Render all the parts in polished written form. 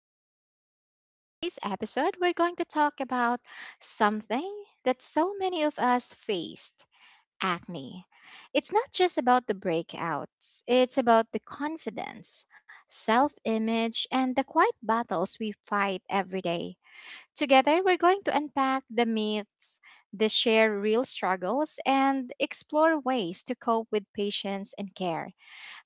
And yes, on today's episode, we're going to talk about something that so many of us faced acne. It's not just about the breakouts, it's about the confidence, self image, and the quiet battles we fight every day. Together, we're going to unpack the myths, the share real struggles, and explore ways to cope with patience and care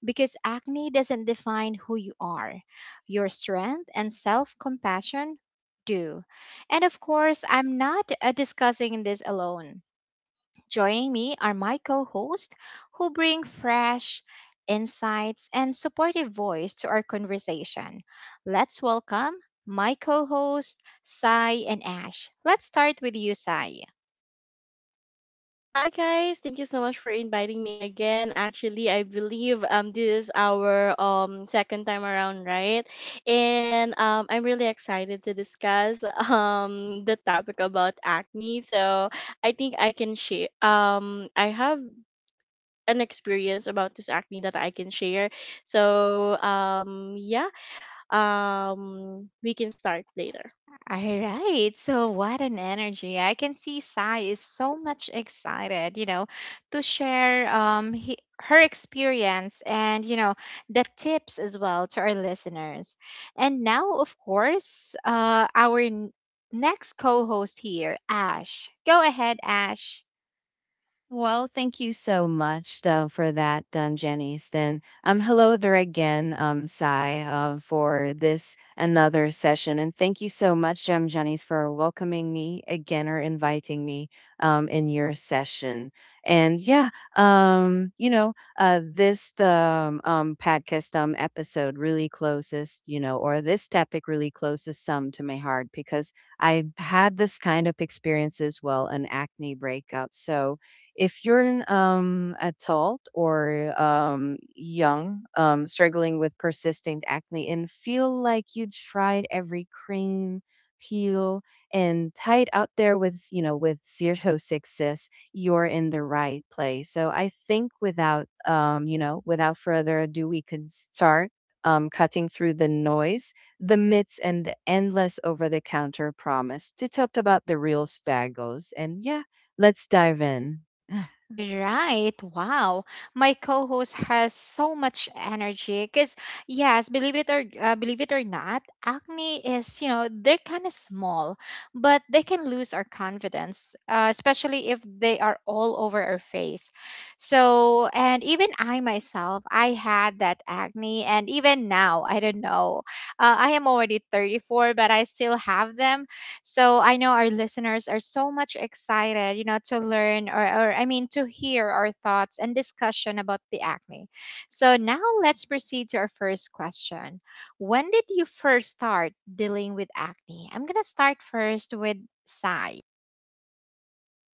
because acne doesn't define who you are. Your strength and self compassion do. And of course, I'm not discussing this alone. Joining me are my co hosts who bring fresh insights and supportive voice to our conversation. Let's welcome my co hosts, Sai and Ash. Let's start with you, Sai. Hi guys, thank you so much for inviting me again. Actually, I believe this is our second time around, right? And I'm really excited to discuss the topic about acne. So, I think I can share I have an experience about this acne that I can share. So, we can start later. All right. So, what an energy. I can see Sai is so much excited, you know, to share her experience and, you know, the tips as well to our listeners. And now, of course, next co-host here, Ash. Go ahead, Ash. Well, thank you so much though, for that, Janice. Then, hello there again, Sai, for this another session, and thank you so much, Janice, for welcoming me again or inviting me, in your session. And yeah, um, you know, this podcast episode really closes, or this topic really closes some to my heart because I had this kind of experience as well, an acne breakout. So if you're an adult or young, struggling with persistent acne and feel like you tried every cream, peel, and tight out there with, with zero success, you're in the right place. So I think without, without further ado, we could start cutting through the noise, the myths, and the endless over the counter promise to talk about the real spaggles. And yeah, let's dive in. All right. Wow. My co-host has so much energy cuz yes, believe it or not, acne is, you know, they're kind of small, but they can lose our confidence, especially if they are all over our face. So, and even I myself, I had that acne and even now, I don't know. I am already 34, but I still have them so I know our listeners are so much excited, you know, to learn or I mean, to hear our thoughts and discussion about the acne. So now let's proceed to our first question. When did you first start dealing with acne? I'm going to start first with Sai.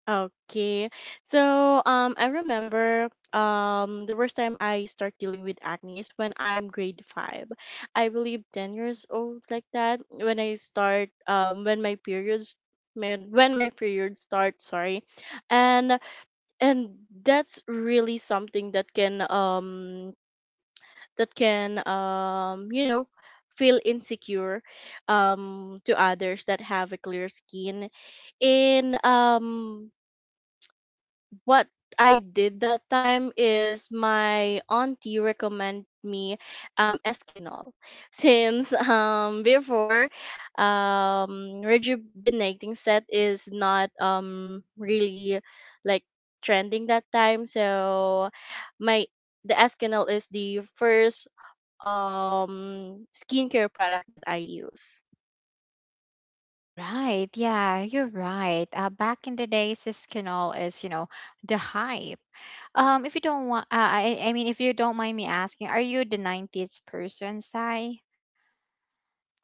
Okay. So I remember the first time I start dealing with acne is when I'm grade five. I believe 10 years old like that. When I start when my periods when my period starts, sorry. And and that's really something that can feel insecure to others that have a clear skin and what I did that time is my auntie recommend me Eskinol since before rejuvenating set is not really like trending that time so my the Eskinol is the first skincare product that I use. Right. Yeah, you're right. Back in the days, Siskinol is, you know, the hype. If you don't want, I mean, if you don't mind me asking, are you the 90s person, Sai?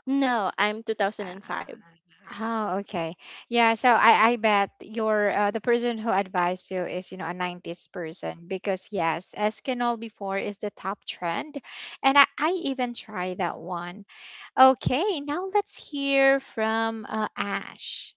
No, I'm Uh, 2005. Oh, okay. Yeah, so I bet your the person who advised you is, you know, a 90s person because yes, Eskinol before is the top trend and I even try that one. Okay, now let's hear from Ash.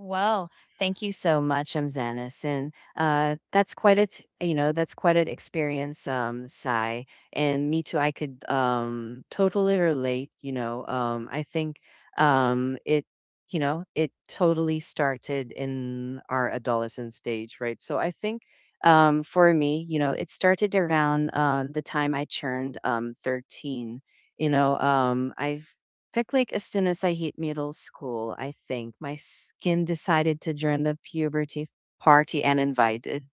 Well, thank you so much, Amzanis. And that's quite a, t- you know, that's quite an experience, Sai. And me too, I could totally relate, you know. I think um, it, it totally started in our adolescent stage, right? So I think for me, you know, it started around the time I turned 13. You know, um, I've like, as soon as I hit middle school, I think my skin decided to join the puberty party and invited.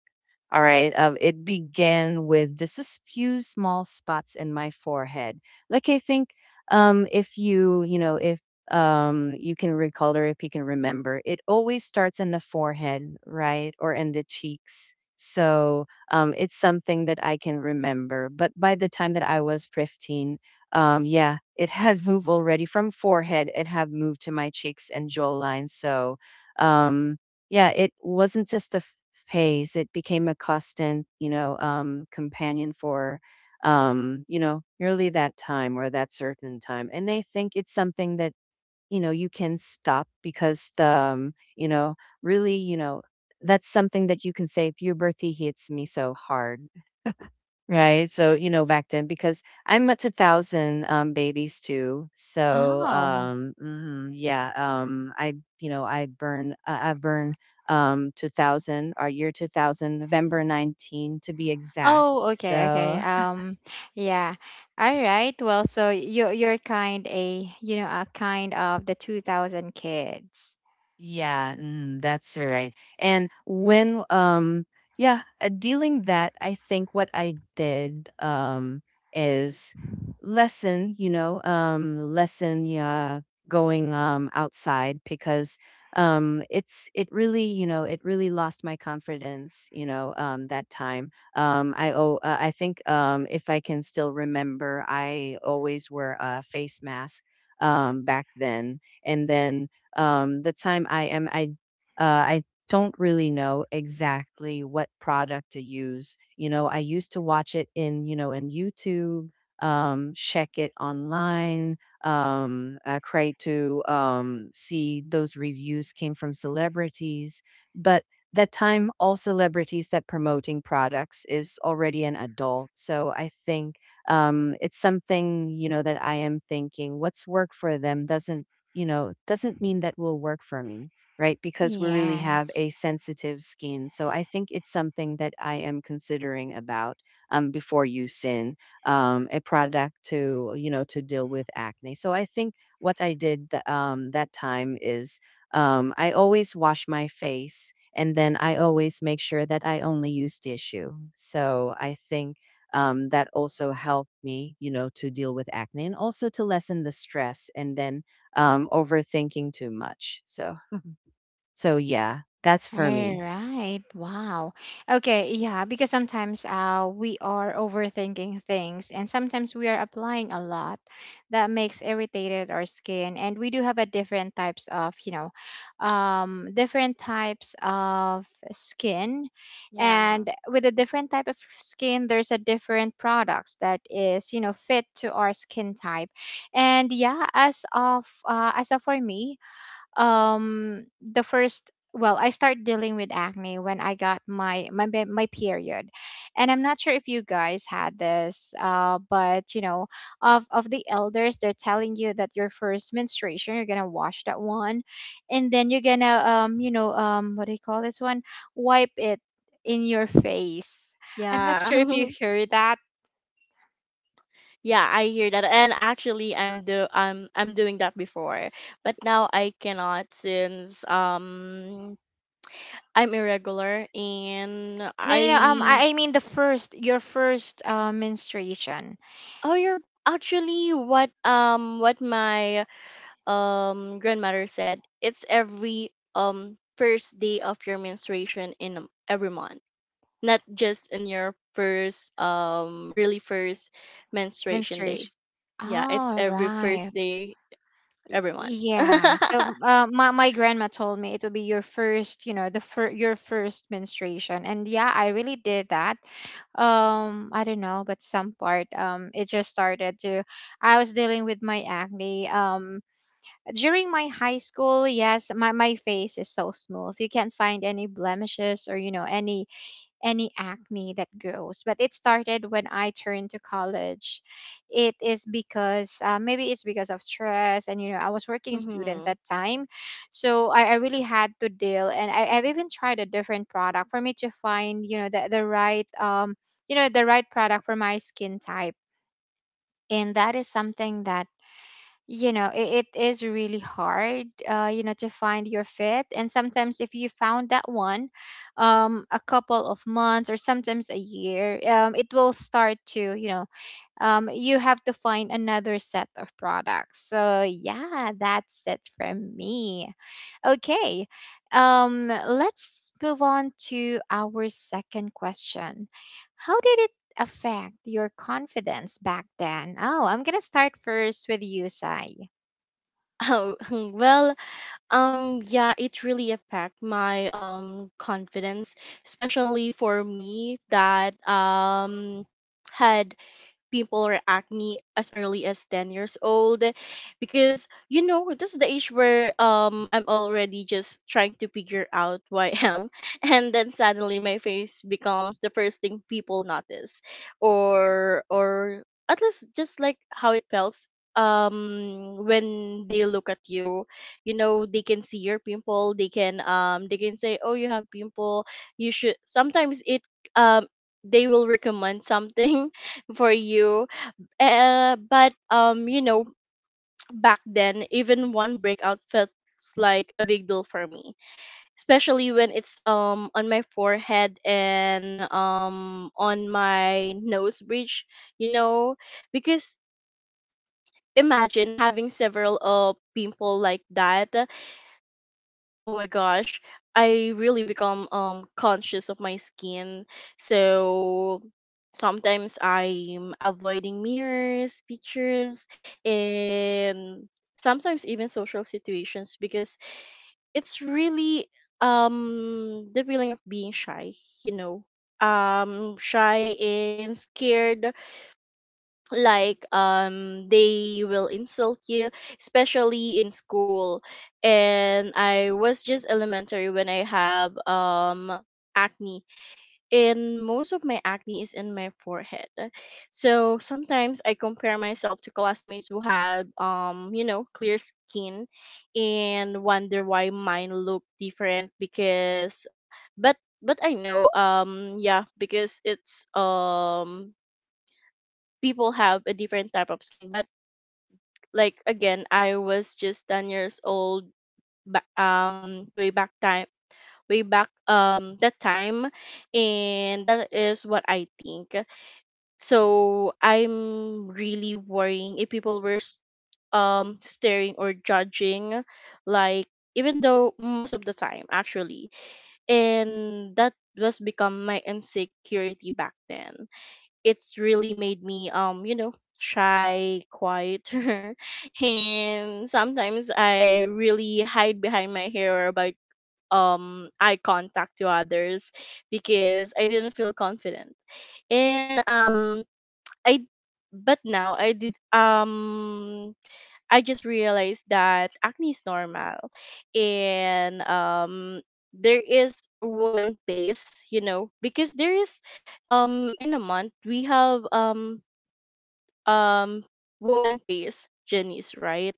All right. It began with just a few small spots in my forehead. Like I think, if you you know if you can recall or if you can remember, it always starts in the forehead, right, or in the cheeks. So it's something that I can remember. But by the time that I was 15, yeah, it has moved already from forehead. It have moved to my cheeks and jawline. So um, yeah, it wasn't just a pace. It became a constant, companion for, nearly that time or that certain time. And they think it's something that, you can stop because the, you know, really, you know, that's something that you can say, puberty hits me so hard. Right. So, back then, because I'm up to thousand babies too. So, Oh. Yeah, I burn, 2000, our year 2000, November 19th to be exact. Oh, okay, okay. So, Um, yeah. All right. Well, so you you know, a kind of the 2000 kids. yeah, that's so right. And when yeah, dealing that, I think what I did is lessen, going outside, because it really, it really lost my confidence, that time. I think if I can still remember, I always wear a face mask back then. And then the time I am, I don't really know exactly what product to use. You know, I used to watch it in, in YouTube, check it online, I try to see those reviews came from celebrities. But that time all celebrities that promoting products is already an adult, so I think it's something, that I am thinking what's work for them doesn't you know, doesn't mean that will work for me, right? Because we really Yeah. have a sensitive skin. So I think it's something that I am considering about before using a product to, to deal with acne. So I think what I did that time is I always wash my face, and then I always make sure that I only use tissue. So I think that also helped me, to deal with acne and also to lessen the stress. And then overthinking too much. So, yeah, that's for All me. right. Wow. Okay. Yeah. Because sometimes we are overthinking things and sometimes we are applying a lot that makes irritated our skin. And we do have a different types of, different types of skin. Yeah. And with a different type of skin, there's a different products that is, you know, fit to our skin type. And yeah, as of for me, the first well I started dealing with acne when I got my period, and I'm not sure if you guys had this uh, but you know, of the elders, they're telling you that your first menstruation you're gonna wash that one, and then you're gonna you know, what do you call this one, wipe it in your face. I'm not sure if you Yeah. heard that. Yeah, I hear that, and actually, I'm do I'm doing that before, but now I cannot since I'm irregular and no no, no um I i I mean the first, your first uh, menstruation. oh you're actually what my grandmother said it's every first day of your menstruation in every month, not just in your first really first menstruation day. Menstruation, Yeah, it's all every right. first day every month. Yeah. So my my grandma told me it would be your first, your first menstruation. And yeah, I really did that. I don't know, but some part it just started to I was dealing with my acne. Um, during my high school, yes, my face is so smooth. You can't find any blemishes or you know, any acne that grows. But it started when I turned to college. It is because maybe it's because of stress, and you know, I was working student Mm-hmm. that time, so I really had to deal. And I've even tried a different product for me to find, you know, the right um, you know, the right product for my skin type. And that is something that, you know, it is really hard you know, to find your fit, and sometimes if you found that one a couple of months or sometimes a year it will start to, you know, you have to find another set of products. So yeah, that's it from me. Okay, let's move on to our second question. How did it affect your confidence back then? Oh, I'm gonna start first with you, Sai. Oh, well, yeah, it really affect my confidence, especially for me that had pimple or acne as early as 10 years old because you know this is the age where I'm already just trying to figure out who I am and then suddenly my face becomes the first thing people notice or at least just like how it feels when they look at you, you know they can see your pimple. They can they can say, oh, you have pimple. You should sometimes it um they will recommend something for you. But you know, back then, even one breakout felt like a big deal for me, especially when it's on my forehead and on my nose bridge. You know, because imagine having several pimple like that. Oh my gosh, I really become conscious of my skin. So sometimes I'm avoiding mirrors, pictures, and sometimes even social situations because it's really the feeling of being shy, you know. Shy and scared like they will insult you, especially in school, and I was just elementary when I have acne, and most of my acne is in my forehead. So sometimes I compare myself to classmates who have clear skin and wonder why mine look different because but but I know yeah, because it's people have a different type of skin. But like, again, I was just 10 years old, way back time, way back that time, and that is what I think. So I'm really worrying if people were staring or judging, like, even though most of the time actually and that was become my insecurity back then. It's really made me shy, quieter, and sometimes I really hide behind my hair or about eye contact to others because I didn't feel confident. And um i but now I did I just realized that acne is normal, and there is a woman pace, you know, because there is, in a month we have um woman pace journeys, right?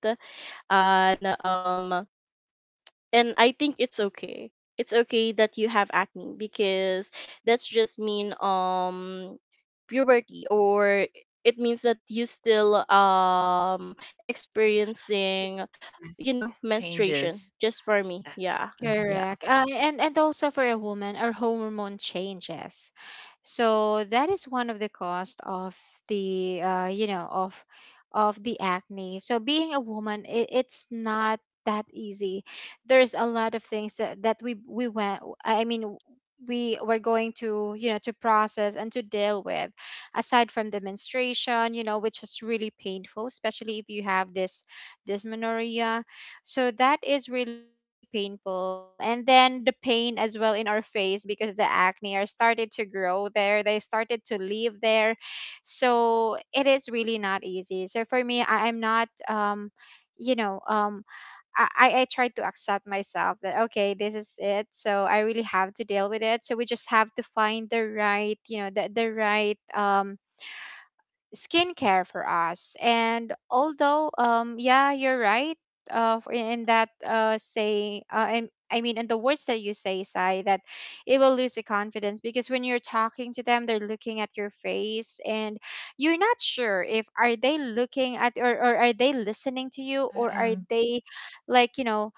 And um, and I think it's okay. It's okay that you have acne because that's just mean puberty, or it means that you still Yes, experiencing, you know, menstruation Changes. just for me. Yeah. Um, Yeah. correct. And also for a woman, our hormone changes. So that is one of the cost of the you know, of the acne. So being a woman, it, it's not that easy. There's a lot of things that, that we went. I mean, we were going to, you know, to process and to deal with. Aside from the menstruation, you know, which is really painful, especially if you have this dysmenorrhea, so that is really painful. And then the pain as well in our face because the acne are started to grow there. They started to live there. So it is really not easy. So for me, I'm not um, you know, um, I try to accept myself that okay, this is it, so I really have to deal with it. So we just have to find the right, you know, the right um, skincare for us. And although, yeah, you're right. For- in that say, in, I mean, In the words that you say, Sai, that it will lose the confidence because when you're talking to them, they're looking at your face, and you're not sure if are they looking at or are they listening to you or are Uh-oh. they, like, you know,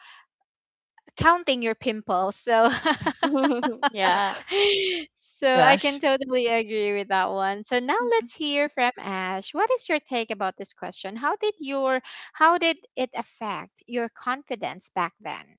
counting your pimples. So Yeah. so I can Gosh. totally agree with that one. So now let's hear from Ash. What is your take about this question? How did your, how did it affect your confidence back then?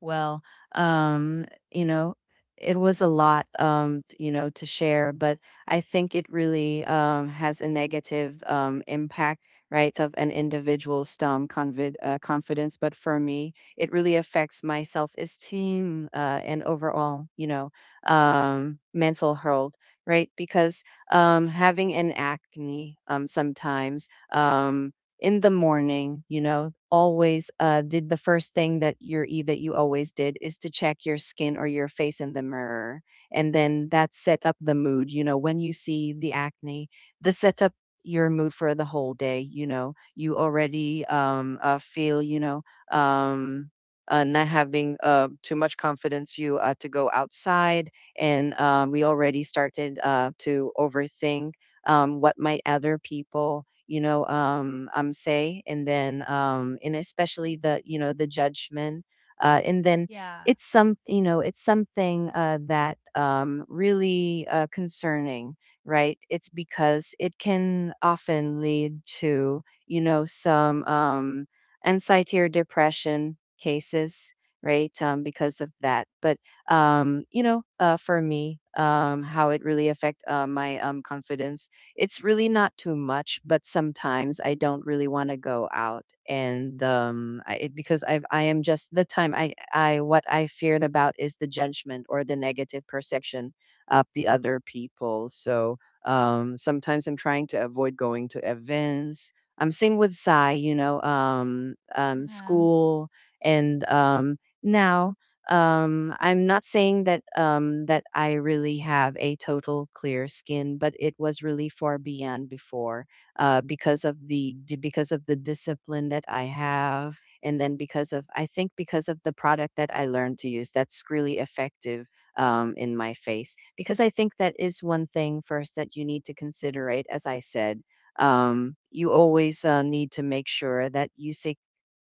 Well, um, you know, it was a lot, to share, but I think it really has a negative impact, right, of an individual's confidence. But for me, it really affects my self-esteem and overall, mental health, right? Because having an acne sometimes. In the morning, you know, always did the first thing that that you always did is to check your skin or your face in the mirror, and then that set up the mood. You know, when you see the acne, the set up your mood for the whole day. You know, you already feel, um, not having too much confidence. You to go outside, and we already started to overthink what might other people, say, and then and especially the you know the judgment. And then Yeah. It's something that really concerning, right? It's because it can often lead to, some anxiety or depression cases, right? Because of that. But for me, how it really affect my confidence, it's really not too much. But sometimes I don't really want to go out. And I, it- because I am just the time I What I feared about is the judgment or the negative perception of the other people. So sometimes I'm trying to avoid going to events. Same with Sai, you know, Mhm. school. And Now I'm not saying that that I really have a total clear skin, but it was really far beyond before, because of the discipline that I have, and then because of, I think, because of the product that I learned to use that's really effective in my face. Because I think that is one thing first that you need to considerate, as I said, you always need to make sure that you seek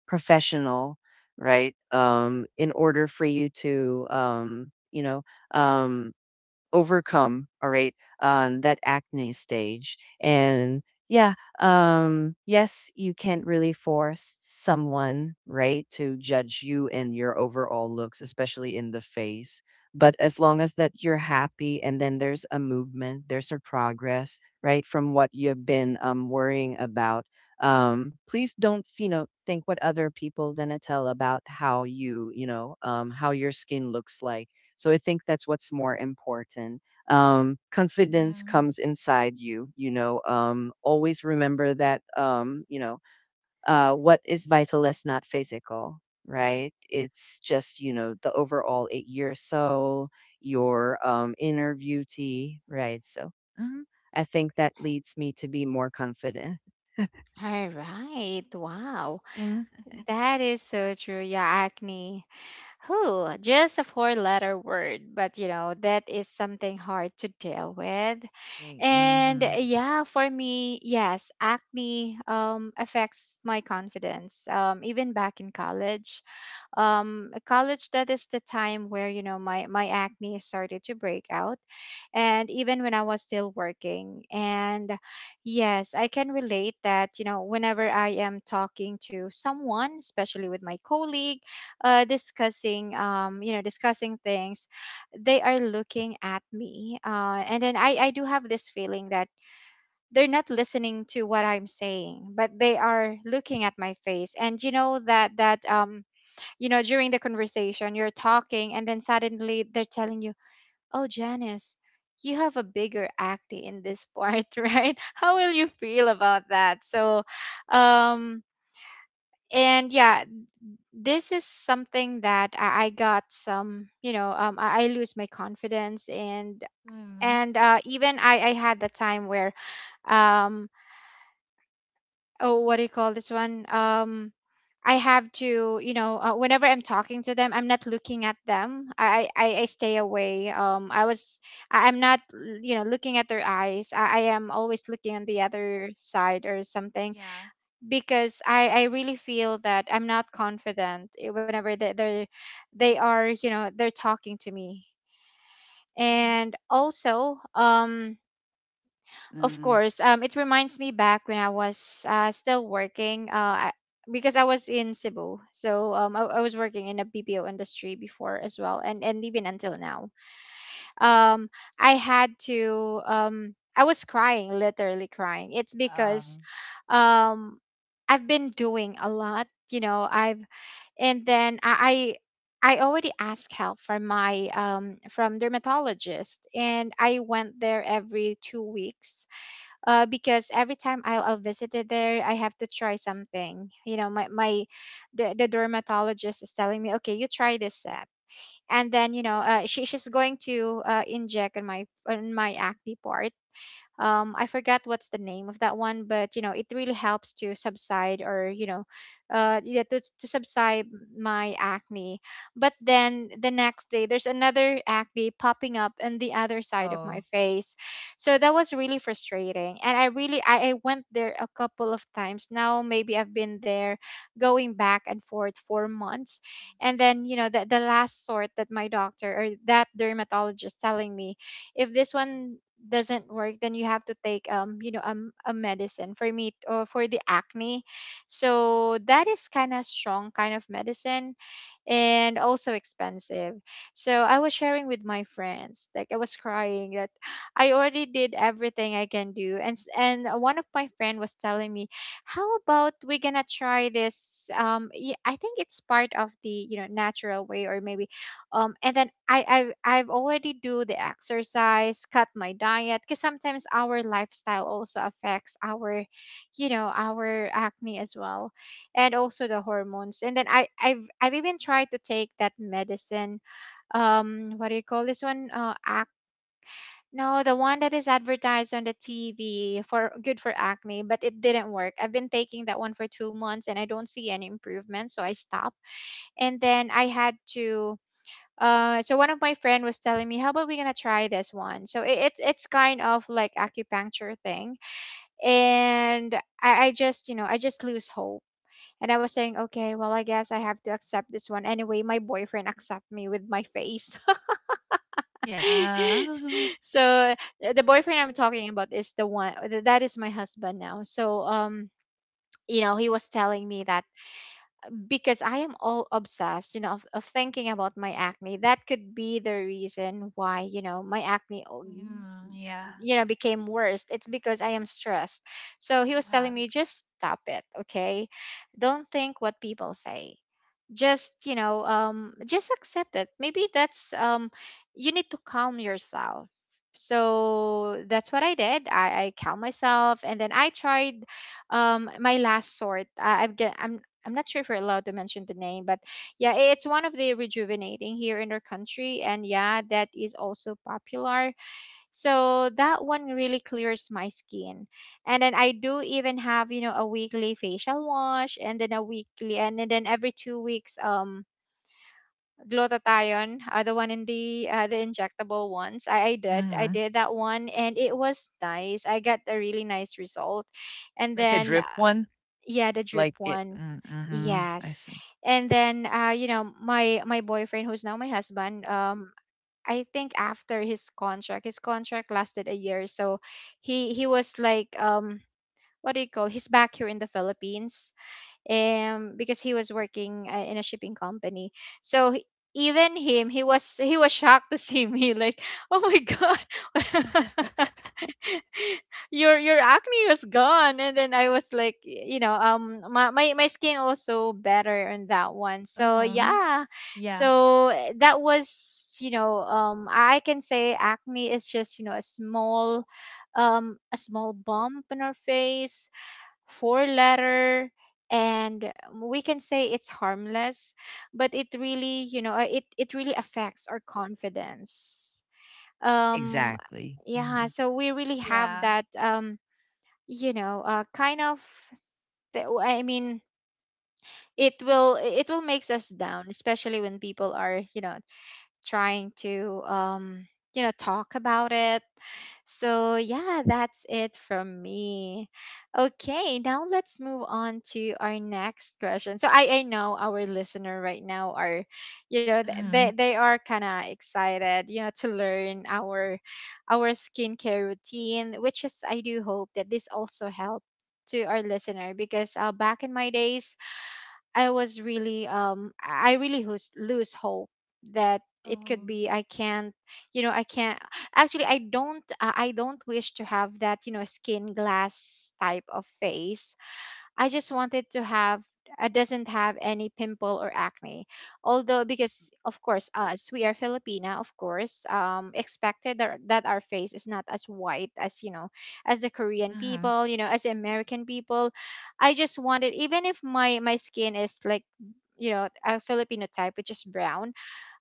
professional, right? In order for you to, um, overcome, all right, that acne stage. And yeah, yes, you can't really force someone, right, to judge you and your overall looks, especially in the face. But as long as that you're happy and then there's a movement, there's a progress, right, from what you've been worrying about. Please don't, you know, think what other people gonna tell about how you, how your skin looks like, so I think that's what's more important. Yeah. Confidence comes inside you, you know. Always remember that, what is vital is not physical, right? It's just, you know, the overall eight-year soul, your inner beauty, right? So mhm, I think that leads me to be more confident. All right. Wow. Mhm. That is so true. Yeah, acne. Who? Just a four letter word, but you know, that is something hard to deal with. Like, And mm-hmm, yeah, for me, yes, acne um, affects my confidence. Um, even back in college, um, college that is the time where you know, my acne started to break out, and even when I was still working, and yes, I can relate that you know, whenever I am talking to someone, especially with my colleague, uh, discussing um, you know, discussing things, they are looking at me uh, and then I do have this feeling that they're not listening to what I'm saying, but they are looking at my face. And you know, that um, you know, during the conversation, you're talking, and then suddenly they're telling you, oh, Janice, you have a bigger acne in this part, right? How will you feel about that? So, um, and yeah, this is something that I got some, you know, I lose my confidence. and Mhm. and even I had the time where um, oh, what do you call this one, um, I have to, you know, whenever I'm talking to them, I'm not looking at them. I stay away, um, I was, I- I'm not, you know, looking at their eyes. I am always looking on the other side or something Yeah. because I really feel that I'm not confident eh, whenever they, they are, you know, they're talking to me. Mhm. And also um, of mm-hmm. course. It reminds me back when I was still working. I, because I was in Cebu, so I was working in a BPO industry before as well, and even until now. Um, I had to. I was crying, literally crying. It's because, Um, um, I've been doing a lot. You know, I've and then I. I already asked help from my from dermatologist, and I went there every 2 weeks because every time I'll visit it there, I have to try something. You know, the dermatologist is telling me, okay, you try this set, and then she she's going to inject on my acne part. I forgot what's the name of that one, but you know it really helps to subside, or yeah, to subside my acne. But then the next day there's another acne popping up on the other side of my oh, face. So that was really frustrating, and I went there a couple of times. Now maybe I've been there going back and forth for months. And then you know the last sort that my doctor or that dermatologist telling me, if this one doesn't work, then you have to take a medicine for me or for the acne. So that is kind of strong, kind of medicine, and also expensive. So I was sharing with my friends, like I was crying that I already did everything I can do, and and one of my friend was telling me, how about we gonna try this? I think it's part of the natural way, or maybe, and then I've already do the exercise, cut my diet, because sometimes our lifestyle also affects our, you know, our acne as well, and also the hormones. And then I've even tried to take that medicine. What do you call this one? No, the one that is advertised on the TV for good for acne, but it didn't work. I've been taking that one for two months and I don't see any improvement, so I stopped. And then I had to. So one of my friend was telling me, "How about we gonna try this one?" So it's kind of like acupuncture thing, and I just I just lose hope, and I was saying, okay, well, I guess I have to accept this one. Anyway, my boyfriend accept me with my face. Yeah. Mhm. So the boyfriend I'm talking about is the one that is my husband now. So you know, he was telling me that, because I am all obsessed, you know, of thinking about my acne. That could be the reason why, you know, my Mhm. Yeah. you know, became worse. It's because I am stressed. So he You was telling have. me, just stop it, okay? Don't think what people say, just just accept it, maybe that's you need to calm yourself. So that's what I did. I calmed myself, and then I tried my last sort. I, I'm get I'm not sure if we're allowed to mention the name, but yeah, it's one of the rejuvenating here in our country, and yeah, that is also popular. So that one really clears my skin. And then I do even have, you know, a weekly facial wash, and then a weekly, and then every two weeks glutathione, the one in the injectable ones. I did. I mm-hmm. did that one, and it was nice. I got a really nice result. And Like a then drip one? yeah, the drip Like it. one. Mm-hmm. I Yes. see. And then you know, my boyfriend who's now my husband, I think after his contract lasted a year, so he was like what do you call? He's back here in the Philippines, because he was working in a shipping company. So he- Even him, he was shocked to see me like, oh my god, your acne was gone. And then I was like, you know, my skin also better on that one, so Uh-huh. yeah. Yeah. So that was, you know, I can say acne is just, you know, a small bump on our face, four letter, and we can say it's harmless, but it really, you know, it it really affects our confidence. um Exactly. yeah, Mhm. so we really have Yeah. that you know, kind of, I mean it will, it will makes us down, especially when people are, you know, trying to you know, talk about it. So yeah, that's it from me. Okay, now let's move on to our next question. So I know our listener right now are, you know, Mhm. they are kind of excited, you know, to learn our skincare routine, which is I do hope that this also helped to our listener, because back in my days I was really I really lose hope that it could Oh. be I can't, you know, I can't. Actually, I don't, I don't wish to have that, you know, skin glass type of face. I just wanted to have, doesn't have any pimple or acne. Although because of course us we are Filipina, of course, expected that, our face is not as white as, you know, as the Korean Mhm. people, you know, as the Yeah. American people. I just wanted, even if my skin is like, you know, a Filipino type which is brown,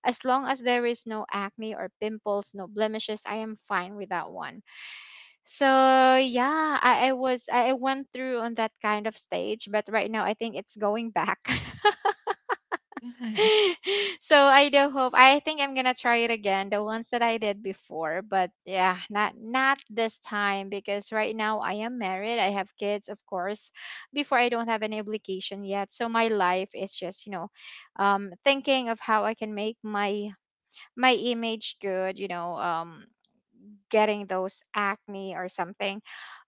as long as there is no acne or pimples, no blemishes, I am fine with that one. So yeah, I went through on that kind of stage, but right now I think it's going back. Yes. So I do hope I think I'm gonna try it again, the ones that I did before, but yeah, not not this time, because right now I am married, I have kids, of course. Before I don't have any obligation yet, so my life is just, you know, thinking of how I can make my my image good, you know, getting those acne or something.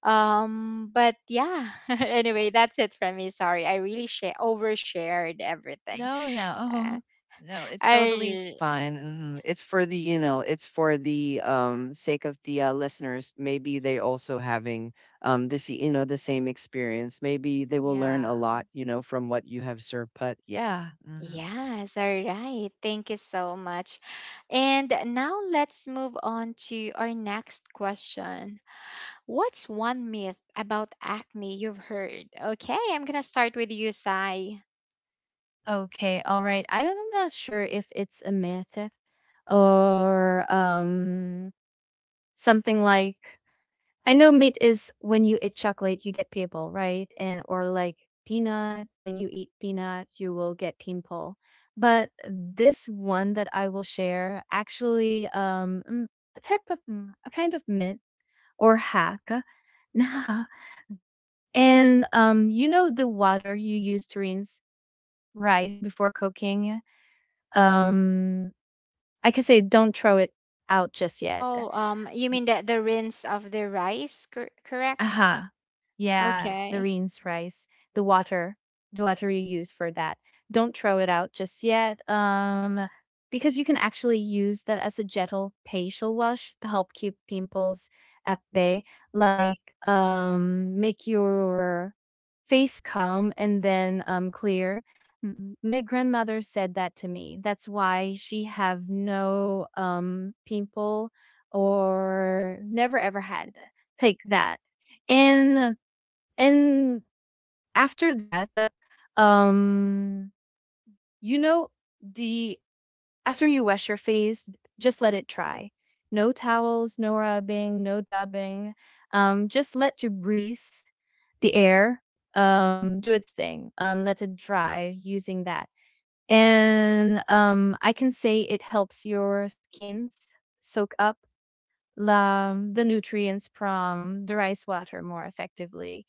But yeah, anyway, that's it from me. Sorry, I really share overshared everything. No, no. Uh, Uh-huh. No, it's totally I, fine. Mhm. It's for the, you know, it's for the sake of the listeners. Maybe they also having this, you know, the same experience. Maybe they will learn Yeah. a lot, you know, from what you have served. But yeah. Hmm. yes, all right. Thank you so much. And now let's move on to our next question. What's one myth about acne you've heard? Okay, I'm gonna start with you, Sai. Okay, all right. I'm not sure if it's a myth or something like, I know meat is when you eat chocolate, you get pimple, right? And or like peanut, when you eat peanut, you will get pimple. But this one that I will share actually a type of a kind of myth or hack. Nah. And you know, the water you use to rinse rice before cooking. Um I could say don't throw it out just yet. Oh, you mean the rinse of the rice, correct? Uh-huh. Yes, the Okay. rinse rice, the water, the water you use for that. Don't throw it out just yet. Because you can actually use that as a gentle facial wash to help keep pimples at bay, like make your face calm and then clear. My grandmother said that to me. That's why she have no pimple or never ever had. Take that and and after that um you know the after you wash your face, just let it dry. No towels, no rubbing, no dabbing. Just let your breeze, the air, do its thing. Let it dry using that, and I can say it helps your skins soak up the nutrients from the rice water more effectively.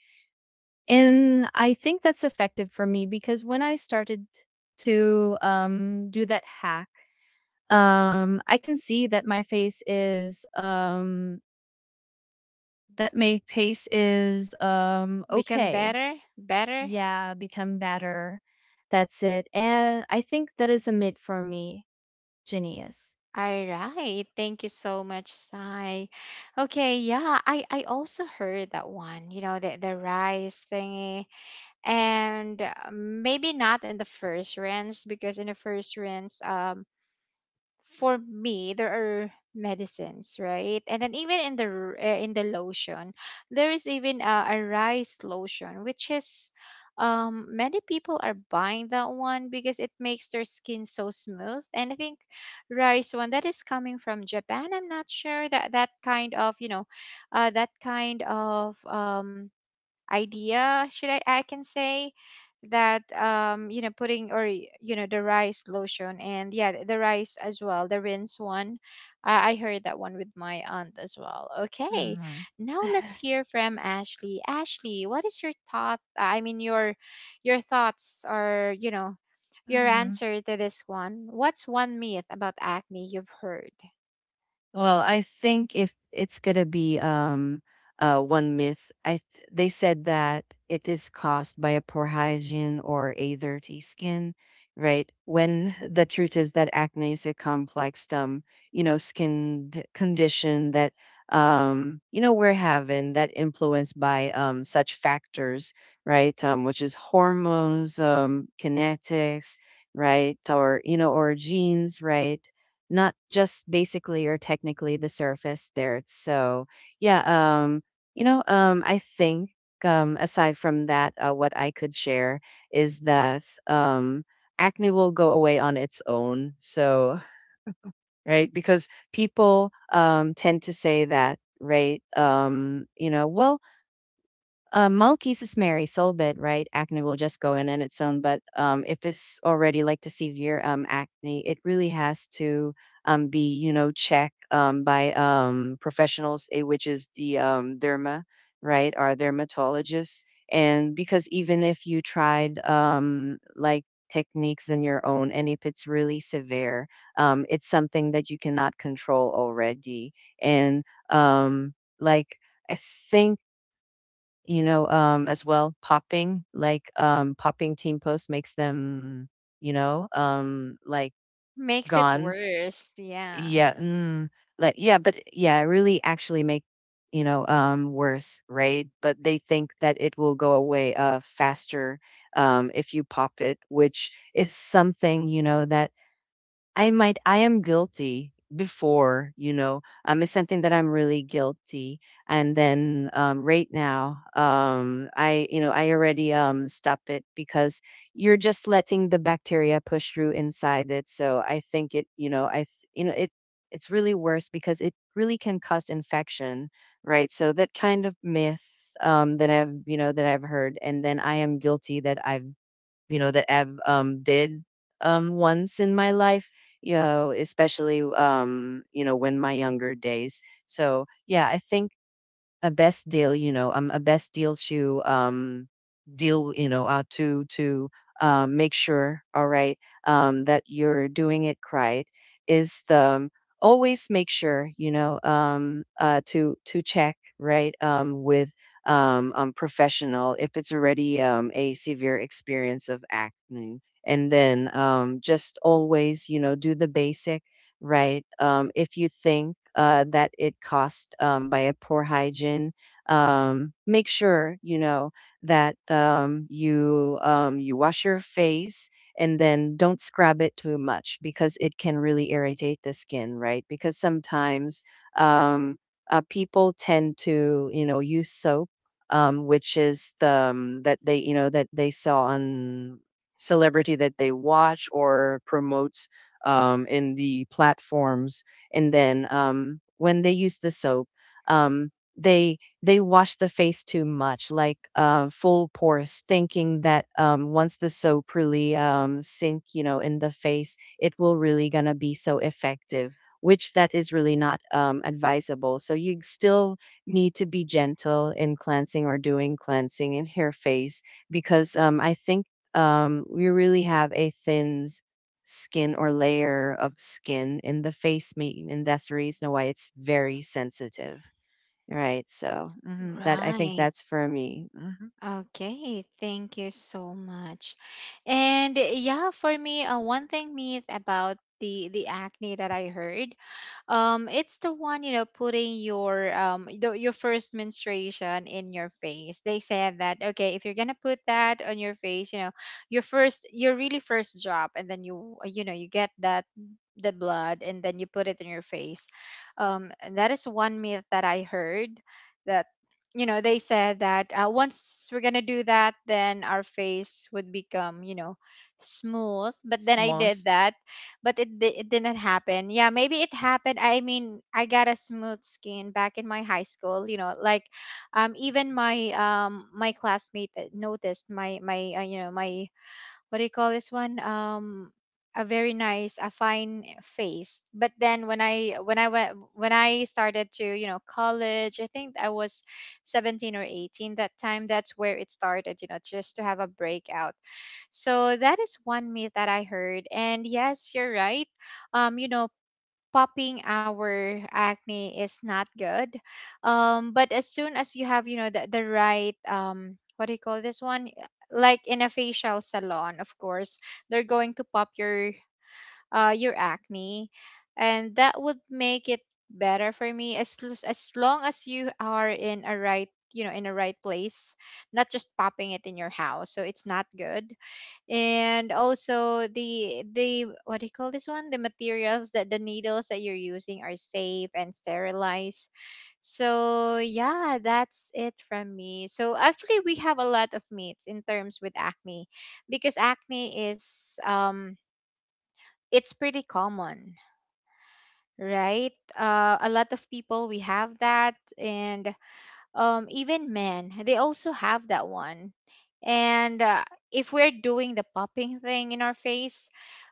And I think that's effective for me because when I started to do that hack, I can see that my face is Become okay. better, better. Yeah, become better. That's it. And I think that is a mid for me. Genius. All right. Thank you so much, Sai. Okay, yeah, I also heard that one, you know, the rice thingy. And maybe not in the first rinse, because in the first rinse, for me there are medicines, right, and then even in in the lotion, there is even a rice lotion, which is many people are buying that one because it makes their skin so smooth. And I think rice one that is coming from Japan, I'm not sure that that kind of, you know, that kind of idea should I can say that you know, putting, or you know, the rice lotion, and yeah, the rice as well, the rinse one. I heard that one with my aunt as well. Okay, Hmm. now let's hear from Ashley. Ashley, what is your thought? I mean, your thoughts, or, you know, your Hmm. answer to this one, what's one myth about acne you've heard? Well, I think if it's gonna be one myth, they said that it is caused by a poor hygiene or a dirty skin, right? When the truth is that acne is a complex condition that you know we're having, that influenced by such factors, right? Which is hormones, kinetics, right, or you know, or genes, right? Not just basically or technically the surface there. So, yeah, I think aside from that, what I could share is that acne will go away on its own. So, right, because people tend to say that, right? You know, well, Malkis is Mary Solbit, right? Acne will just go in on its own. But if it's already like the severe acne, it really has to be, you know, checked by professionals, eh, which is the derma, right, or dermatologists. And because even if you tried like techniques in your own, and if it's really severe, it's something that you cannot control already. And um, like I think, you know, as well, popping, popping team post makes them, you know, like Makes it gone. worse, yeah. Yeah, mm, like yeah, but yeah, really actually make, you know, worse, right? But they think that it will go away faster if you pop it, which is something, you know, that I am guilty before. You know, it's something that I'm really guilty. And then right now, I I already stop it because you're just letting the bacteria push through inside it. So I think it, you know, I th- you know, it it's really worse because it really can cause infection, right? So that kind of myth that I've heard, and then I am guilty that I've you know that I've did once in my life, especially when my younger days. So yeah, I think a best deal you know a best deal to deal to make sure, all right, that you're doing it right, is the always make sure to check, right, with professional if it's already a severe experience of acne. And then just always do the basic, right? If you think that it cost by a poor hygiene, make sure that you wash your face, and then don't scrub it too much because it can really irritate the skin, right? Because sometimes um, people tend to use soap. Which is the that they saw on celebrity that they watch or promote, in the platforms. And then when they use the soap, um, they wash the face too much, like full pores, thinking that once the soap really sink, in the face, it will really gonna be so effective. Which that is really not, advisable. So you still need to be gentle in cleansing or doing cleansing in hair face, because I think we really have a thin skin or layer of skin in the face meat, and that's the reason why it's very sensitive, right? So that I think Right. that's for me. Mhm. Okay, thank you so much. And yeah, for me, one thing myth about the acne that I heard, it's the one, you know, putting your your first menstruation in your face. They said that, okay, if you're gonna put that on your face, you know, your first, your really first drop, and then you know, you get that the blood, and then you put it in your face. That is one myth that I heard. That, you know, they said that once we're gonna do that, then our face would become, you know, smooth, but then I did Smalls. that, but it, it didn't happen. Yeah, maybe it happened. I mean, I got a smooth skin back in my high school, you know, like even my classmate that noticed my my you know, my what do you call this one, a very nice, a fine face. But then when I started to, you know, college, I think I was 17 or 18, that time, that's where it started, you know, just to have a breakout. So that is one myth that I heard, and yes, you're right. You know, popping our acne is not good. But as soon as you have, you know, the right, what do you call this one? Like in a facial salon, of course, they're going to pop your acne, and that would make it better for me. As as long as you are in a right, you know, in a right place, not just popping it in your house. So it's not good. And also the, what do you call this one, the materials, that the needles that you're using are safe and sterilized. So yeah, that's it from me. So actually we have a lot of myths in terms with acne, because acne is it's pretty common, right? A lot of people we have that, and even men, they also have that one. And if we're doing the popping thing in our face,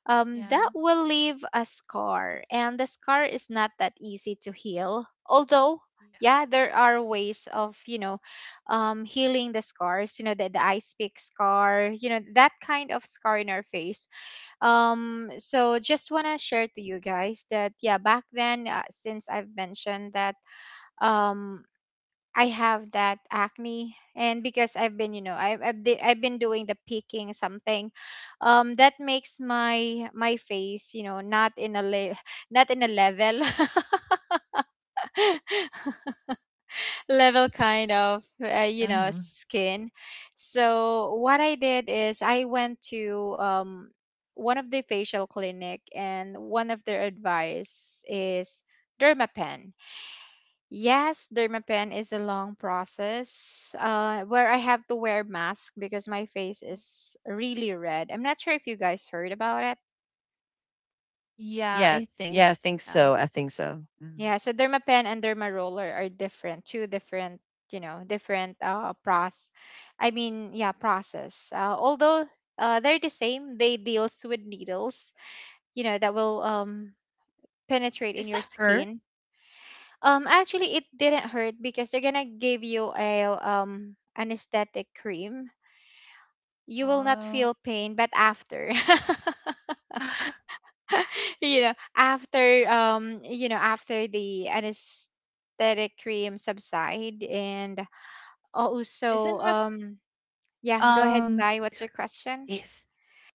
Yeah, that will leave a scar. And the scar is not that easy to heal. Although, yeah. yeah, there are ways of, you know, healing the scars, you know, the ice pick scar, you know, that kind of scar in our face. So just want to share to you guys that, yeah, back then, since I've mentioned that um I have that acne, and because I've been, I've been doing the peaking something, that makes my face, not in a le- not in a level level kind of, uh skin. So what I did is I went to one of the facial clinic, and one of their advice is dermapen. Yes, dermapen is a long process, where I have to wear mask because my face is really red. I'm not sure if you guys heard about it. Yeah, Yeah, I think. yeah, I think Yeah. so. I think so. Mhm. Yeah, so dermapen and derma roller are different, two different, different process. I mean, yeah, process. Although they're the same, they deals with needles, that will penetrate in Is your that her? skin. Actually, it didn't hurt because they're gonna give you a anesthetic cream. You will not Oh, feel pain but after after the anesthetic cream subside, and also, isn't Rep- yeah, go ahead, um Sai. What's your question? here?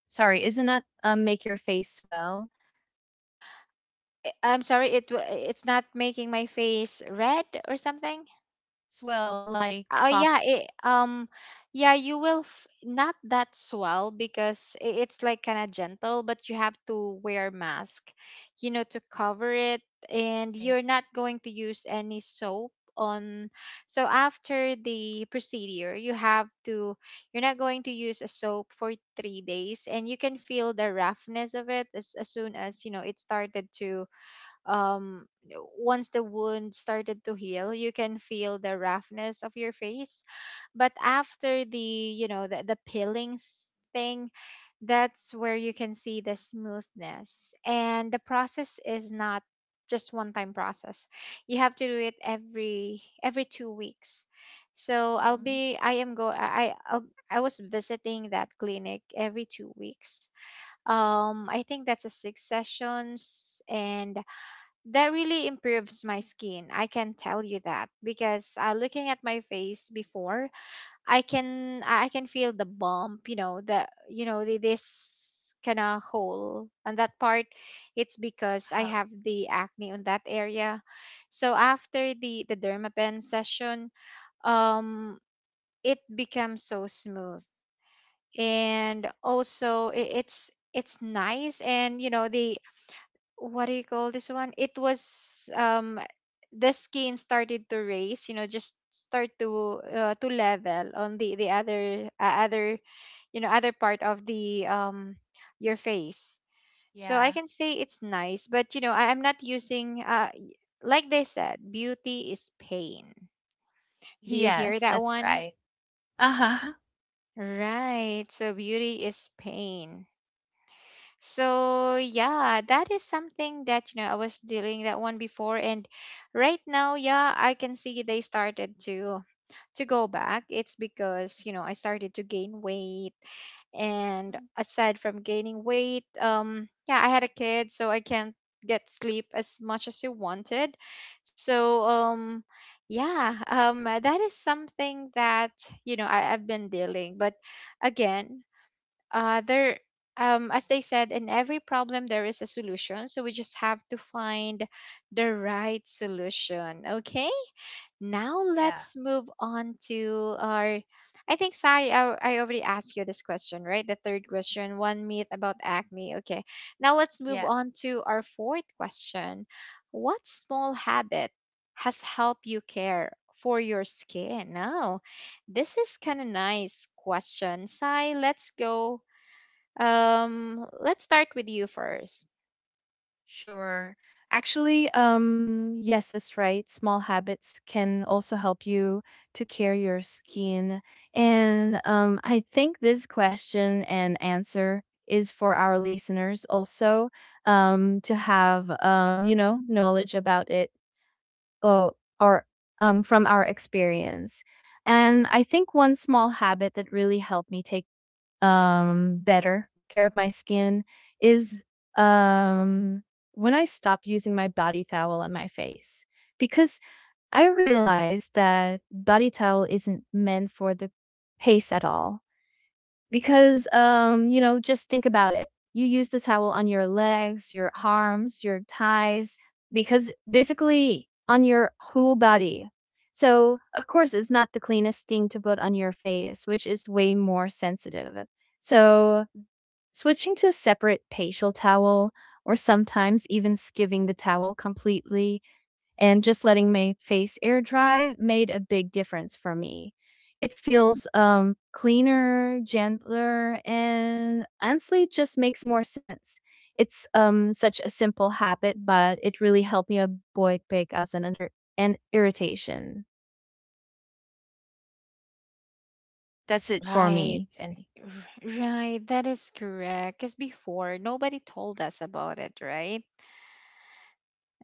Sorry, isn't that make your face swell? I'm sorry, it's not making my face red or something. Swell like Oh pop yeah, it, yeah, you will f not that swell because it's like kind of gentle, but you have to wear mask, to cover it, and thing. you're not going to use any soap on. So after the procedure, you're not going to use a soap for 3 days, and you can feel the roughness of it as soon as you know it started to, um once the wound started to heal, you can feel the roughness of your face. But after the, peeling thing, that's where you can see the smoothness. And the process is not just one time process. You have to do it every 2 weeks. So I'll Um, be I am go I I'll, I was visiting that clinic every 2 weeks. I think that's a six sessions, and that really improves my skin. I can tell you that because, looking at my face before, I can feel the bump, this kind of hole on that part. It's because I huh, have the acne on that area. So after the dermapen session, um, it becomes so smooth, and also it's nice. And, you know the what do you call this one? It was the skin started to raise, you know, just start to, to level on the other part of the, your face. So I yeah. can say it's nice, but, you know, I'm not using, like they said, beauty is pain. Do you hear Yes, that that's one? right. Uh-huh. Right. So beauty is pain. So yeah, that is something that, you know, I was dealing that one before, and right now, yeah, I can see they started to go back. It's because, you know, I started to gain weight, and Mm, aside from gaining weight, yeah, I had a kid so I can't get sleep as much as you wanted. So, yeah, that is something that, you know, I've been dealing. But again, there as they said, in every problem there is a solution, so we just have to find the right solution. Okay, now Yeah, let's move on to our, I think, Sai, I already asked you this question, right? The third question, one myth about acne. Okay, now let's move yeah, on to our fourth question. What small habit has helped you care for your skin now? This is kind of nice question, Sai. Let's go. Let's start with you first. sure. Actually, yes, that's right. Small habits can also help you to care your skin. And I think this question and answer is for our listeners also to have knowledge about it. Oh, or from our experience. And I think one small habit that really helped me take better care of my skin is um, when I stopped using my body towel on my face. Because I realized that body towel isn't meant for the face at all. Because, you know, just think about it. You use the towel on your legs, your arms, your thighs, because basically on your whole body. So, of course, it's not the cleanest thing to put on your face, which is way more sensitive. So, switching to a separate facial towel, or sometimes even skipping the towel completely, and just letting my face air dry made a big difference for me. It feels cleaner, gentler, and honestly just makes more sense. It's such a simple habit, but it really helped me avoid breakouts and, and irritation. That's it for Right. me, Kenny. Right. That is correct. Because before, nobody told us about it, right?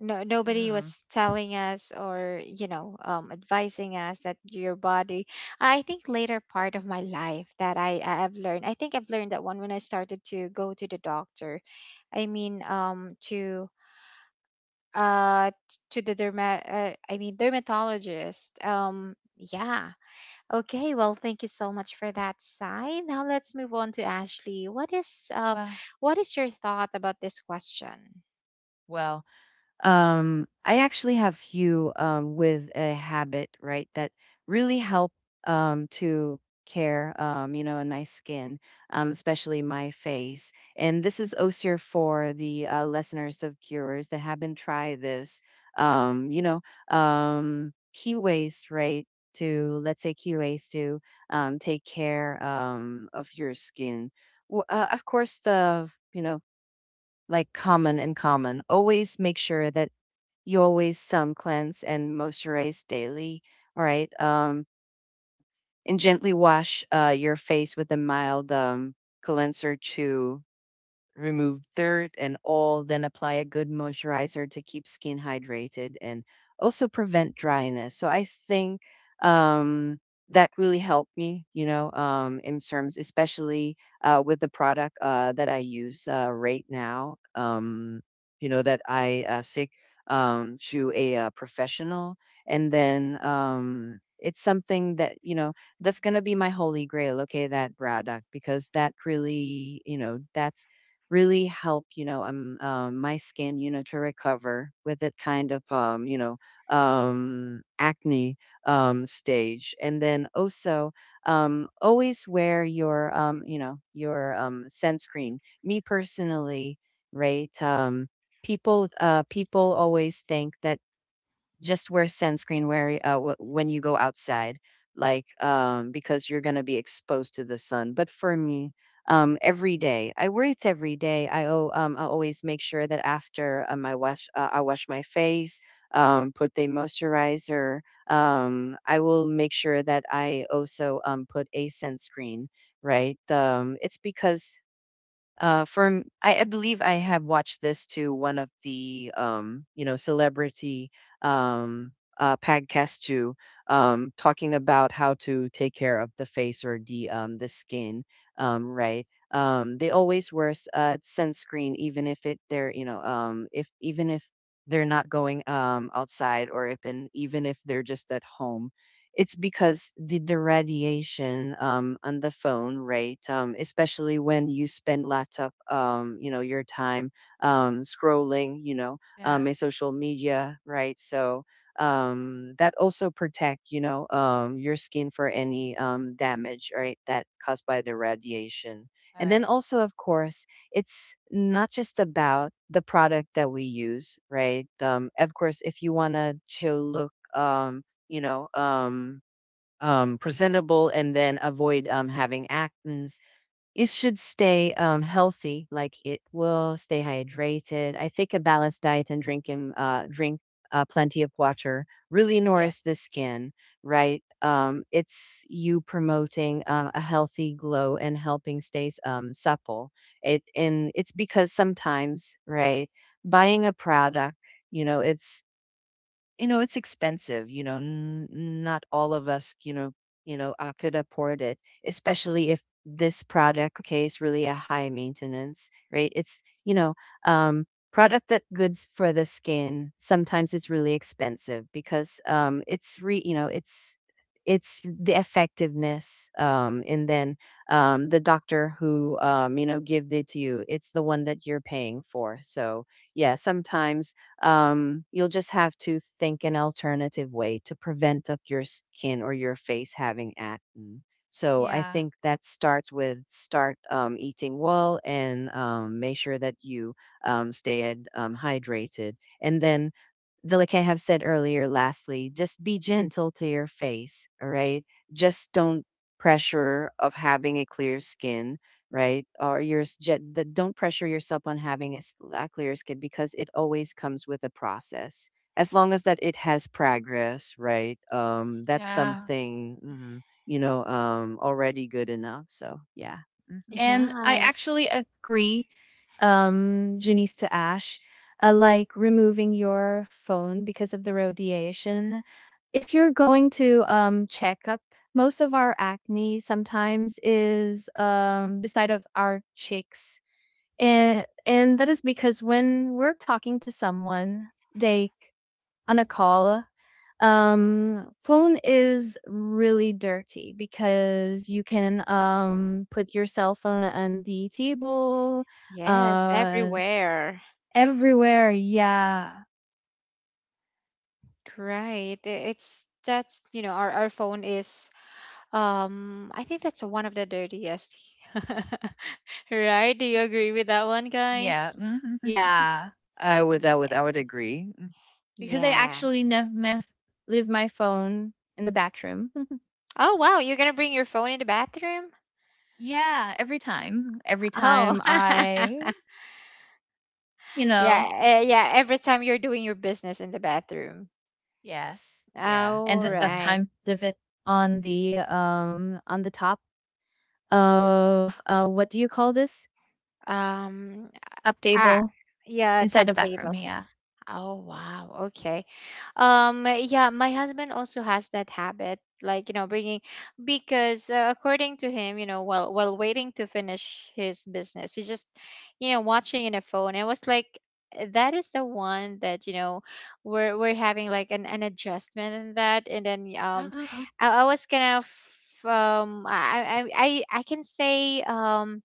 No, nobody Yeah. was telling us or, you know, advising us that your body. I think later part of my life that I have learned, I think I've learned that one when I started to go to the doctor. I mean, to, to the derma I mean dermatologist. Yeah, okay, well, thank you so much for that, Sai. Now let's move on to Ashley. Well, What is your thought about this question? well, I actually have few with a habit, right, that really help to care, a nice skin, especially my face. And this is osier for the listeners of cures that haven't tried this. Um, you know, Key ways, right, to let's say key ways to take care of your skin. Of course, the like common and common. Always make sure that you always cleanse and moisturize daily. All right. And gently wash your face with a mild cleanser to remove dirt and all, then apply a good moisturizer to keep skin hydrated and also prevent dryness. So I think um, that really helped me, in terms, especially with the product that I use right now, that I seek to a professional. And then it's something that, that's going to be my holy grail. Okay. That product, because that really, that's really help, my skin, to recover with that kind of, acne stage. And then also always wear your sunscreen. Me personally, right? People always think that just wear sunscreen where when you go outside, like because you're going to be exposed to the sun, but for me, every day I wear it. Every day I always make sure that after I wash my face, put the moisturizer. I will make sure that I also put a sunscreen, right? It's because from I believe I have watched this to one of the celebrity um podcast too, talking about how to take care of the face or the skin, right, they always wear sunscreen, even if it they're, if even if they're not going outside, or if and even if they're just at home. It's because the radiation on the phone, right? Especially when you spend lots of, your time scrolling, Yeah. In social media, right? So that also protect, your skin for any damage, right, that caused by the radiation. All And then right. also, of course, it's not just about the product that we use, right? Of course, if you want to look you know, um, presentable, and then avoid having actins. It should stay healthy, like it will stay hydrated. I think a balanced diet and drink plenty of water really Yes. nourishes the skin, right? It's you promoting a healthy glow and helping stays supple. It's because sometimes, right, buying a product, you know, it's it's expensive. Not all of us, could afford it, especially if this product, okay, is really a high maintenance, right, it's you know um product that goods for the skin. Sometimes it's really expensive because it's re you know it's the effectiveness, and then the doctor who give it to you, it's the one that you're paying for. So yeah, sometimes you'll just have to think an alternative way to prevent up your skin or your face having acne. So I Yeah. think that starts with start eating well and make sure that you stay hydrated. And then the, like I have said earlier, lastly, just be gentle to your face, all right? Just don't pressure of having a clear skin, right? Or your s- ge- the, don't pressure yourself on having a clear skin, because it always comes with a process. As long as that it has progress, right? That's Yeah. something, already good enough. So yeah. Hmm. And I Yes, actually agree, Janice to Ash, like removing your phone because of the radiation. If you're going to check up, most of our acne sometimes is beside of our cheeks, and that is because when we're talking to someone, they on a call, phone is really dirty because you can put your cell phone on the table, yes, uh everywhere. everywhere. Yeah. Right. I- It's That's, our phone is, I think that's one of the dirtiest. Right? Do you agree with that one, Yeah. guys? Hmm. Yeah. I would I Yeah. would I would agree. Because I Yes. actually leave my phone in the bathroom. Oh wow, you're gonna bring your phone in the bathroom? Yeah. Every time. Oh. You know, Yeah, yeah, every time you're doing your business in the bathroom. yes, Yeah. All end up Hmm. right. time of it on the top of what do you call this Um, up ah, table yeah, inside tap the table. bathroom, yeah. Oh, wow. Okay. Yeah, my husband also has that habit, like, bringing, because, according to him, while waiting to finish his business, he's just, watching in a phone. I was like, that is the one that, we're having like an adjustment in that. And then Uh-huh. I was kind of, I can say,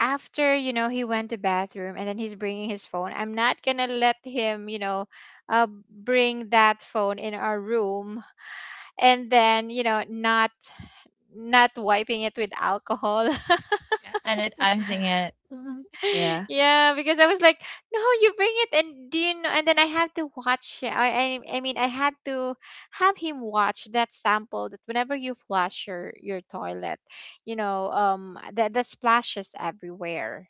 after he went to bathroom, and then he's bringing his phone. I'm not gonna let him, bring that phone in our room, and then, not wiping it with alcohol. Yeah. And it, I'm using it. Uh-huh. Yeah. Yeah, because I was like, no, you bring it and do you know? And then I, have to watch I mean I had to have him watch that sample that whenever you flush your toilet, you know, the splashes everywhere.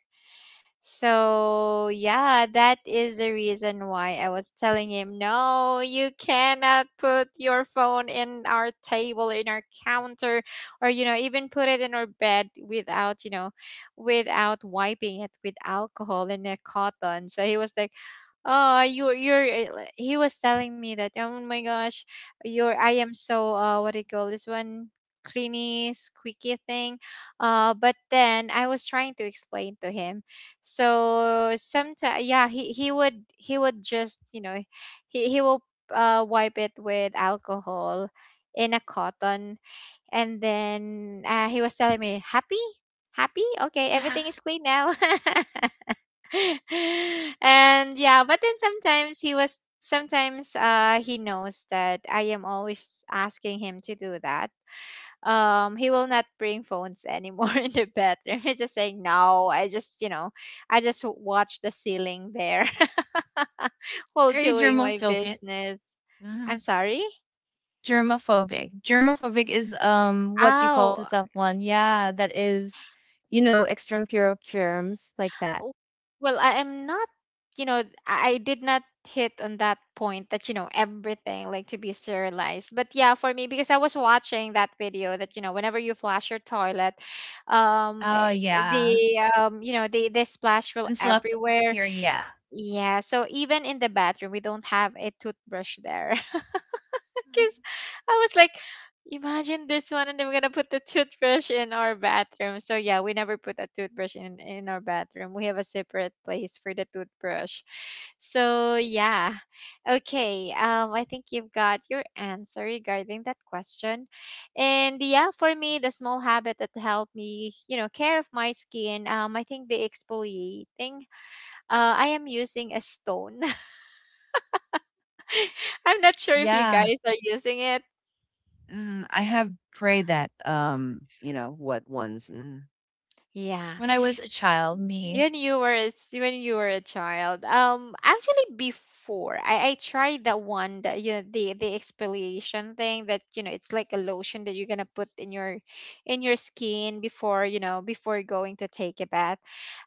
So, yeah, that is the reason why I was telling him, no, you cannot put your phone in our table, in our counter, or, you know, even put it in our bed without, you know, without wiping it with alcohol and a cotton. So he was like, oh, he was telling me that, oh my gosh, you're, I am so, what do you call this one? Cleany squeaky thing. But then I was trying to explain to him. So sometimes, yeah, he would, he would just you know, he will wipe it with alcohol in a cotton, and then, he was telling me, "Happy, happy, okay, Yeah. everything is clean now." And yeah, but then sometimes, he was sometimes he knows that I am always asking him to do that. He will not bring phones anymore in the bedroom. He's just saying, no, I just watch the ceiling there, while Very doing my germophobic. business. Hmm. I'm sorry. Germophobic is what you call to Oh, someone, yeah, that is, you know, extreme fear of germs like that. w- well, I am not, you know, I did not hit on that point that, you know, everything like to be serialized. But yeah, for me, because I was watching that video that, you know, whenever you flush your toilet, Oh eh, yeah. the you know the splash will I'm still up everywhere. here, yeah. Yeah, so even in the bathroom, we don't have a toothbrush there. Because I was like, imagine this one, and then we're gonna put the toothbrush in our bathroom. So yeah, we never put a toothbrush in our bathroom. We have a separate place for the toothbrush. So yeah, okay. I think you've got your answer regarding that question. And yeah, for me, the small habit that helped me, care of my skin. I think the exfoliating, I am using a stone. I'm not sure if you Yeah. guys are using it. Mm, I have prayed that, what ones. Mm, Yeah. When I was a child, me. When you were a when you were a child. Actually, before I tried that one that, you know, the exfoliation thing that, it's like a lotion that you're gonna put in your skin before you know before going to take a bath.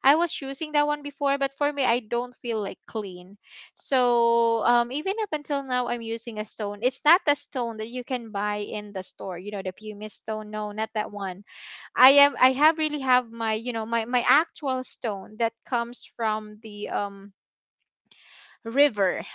I was using that one before, but for me I don't feel like clean. So even up until now I'm using a stone. It's not the stone that you can buy in the store, you know, the pumice stone. No, not that one. I am I have really have my, my actual stone that comes from the, river.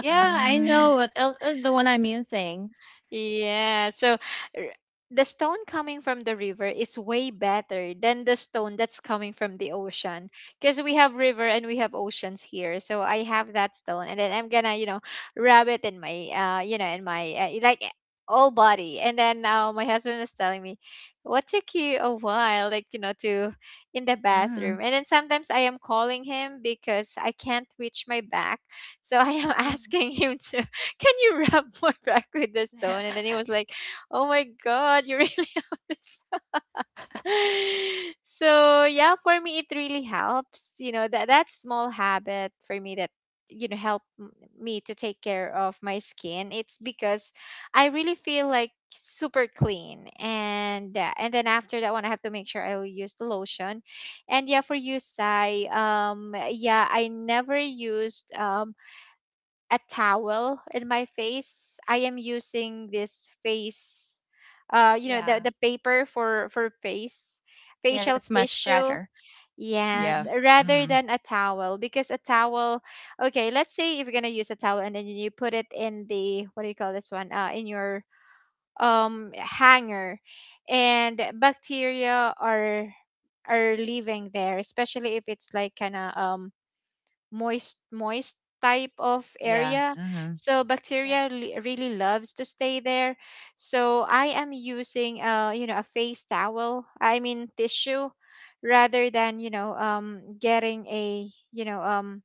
Yeah, I mm, know what the one I'm using. Yeah. So r- the stone coming from the river is way better than the stone that's coming from the ocean, because we have river and we have oceans here. So I have that stone, and then I'm gonna, rub it in my like, all body. And then now my husband was telling me, "What took you a while, like, to in the mm. bathroom?" And then sometimes I am calling him because I can't reach my back. So I am Well, asking him to, can you rub my back with the stone? And then he was like, oh my God, you really have this. sh- So yeah, for me, it really helps. You know, that small habit for me that, you know, help m- me to take care of my skin. It's because I really feel like super clean. And then after that one, I have to make sure I will use the lotion. And yeah, for you, Sai, yeah, I never used, a towel in my face. I am using this face, uh, you know, the, yeah. the paper for face, Yeah, facial that's much tissue. better. Yeah. Hmm. Yes, rather Mm, than a towel, because a towel, okay, let's say if you're gonna use a towel and then you put it in the, what do you call this one? In your hanger, and bacteria are living there, especially if it's like kind of moist type of yeah. area, Mhm. so bacteria Yes. Really loves to stay there. So I am using, a face towel, I mean tissue, rather than, getting a,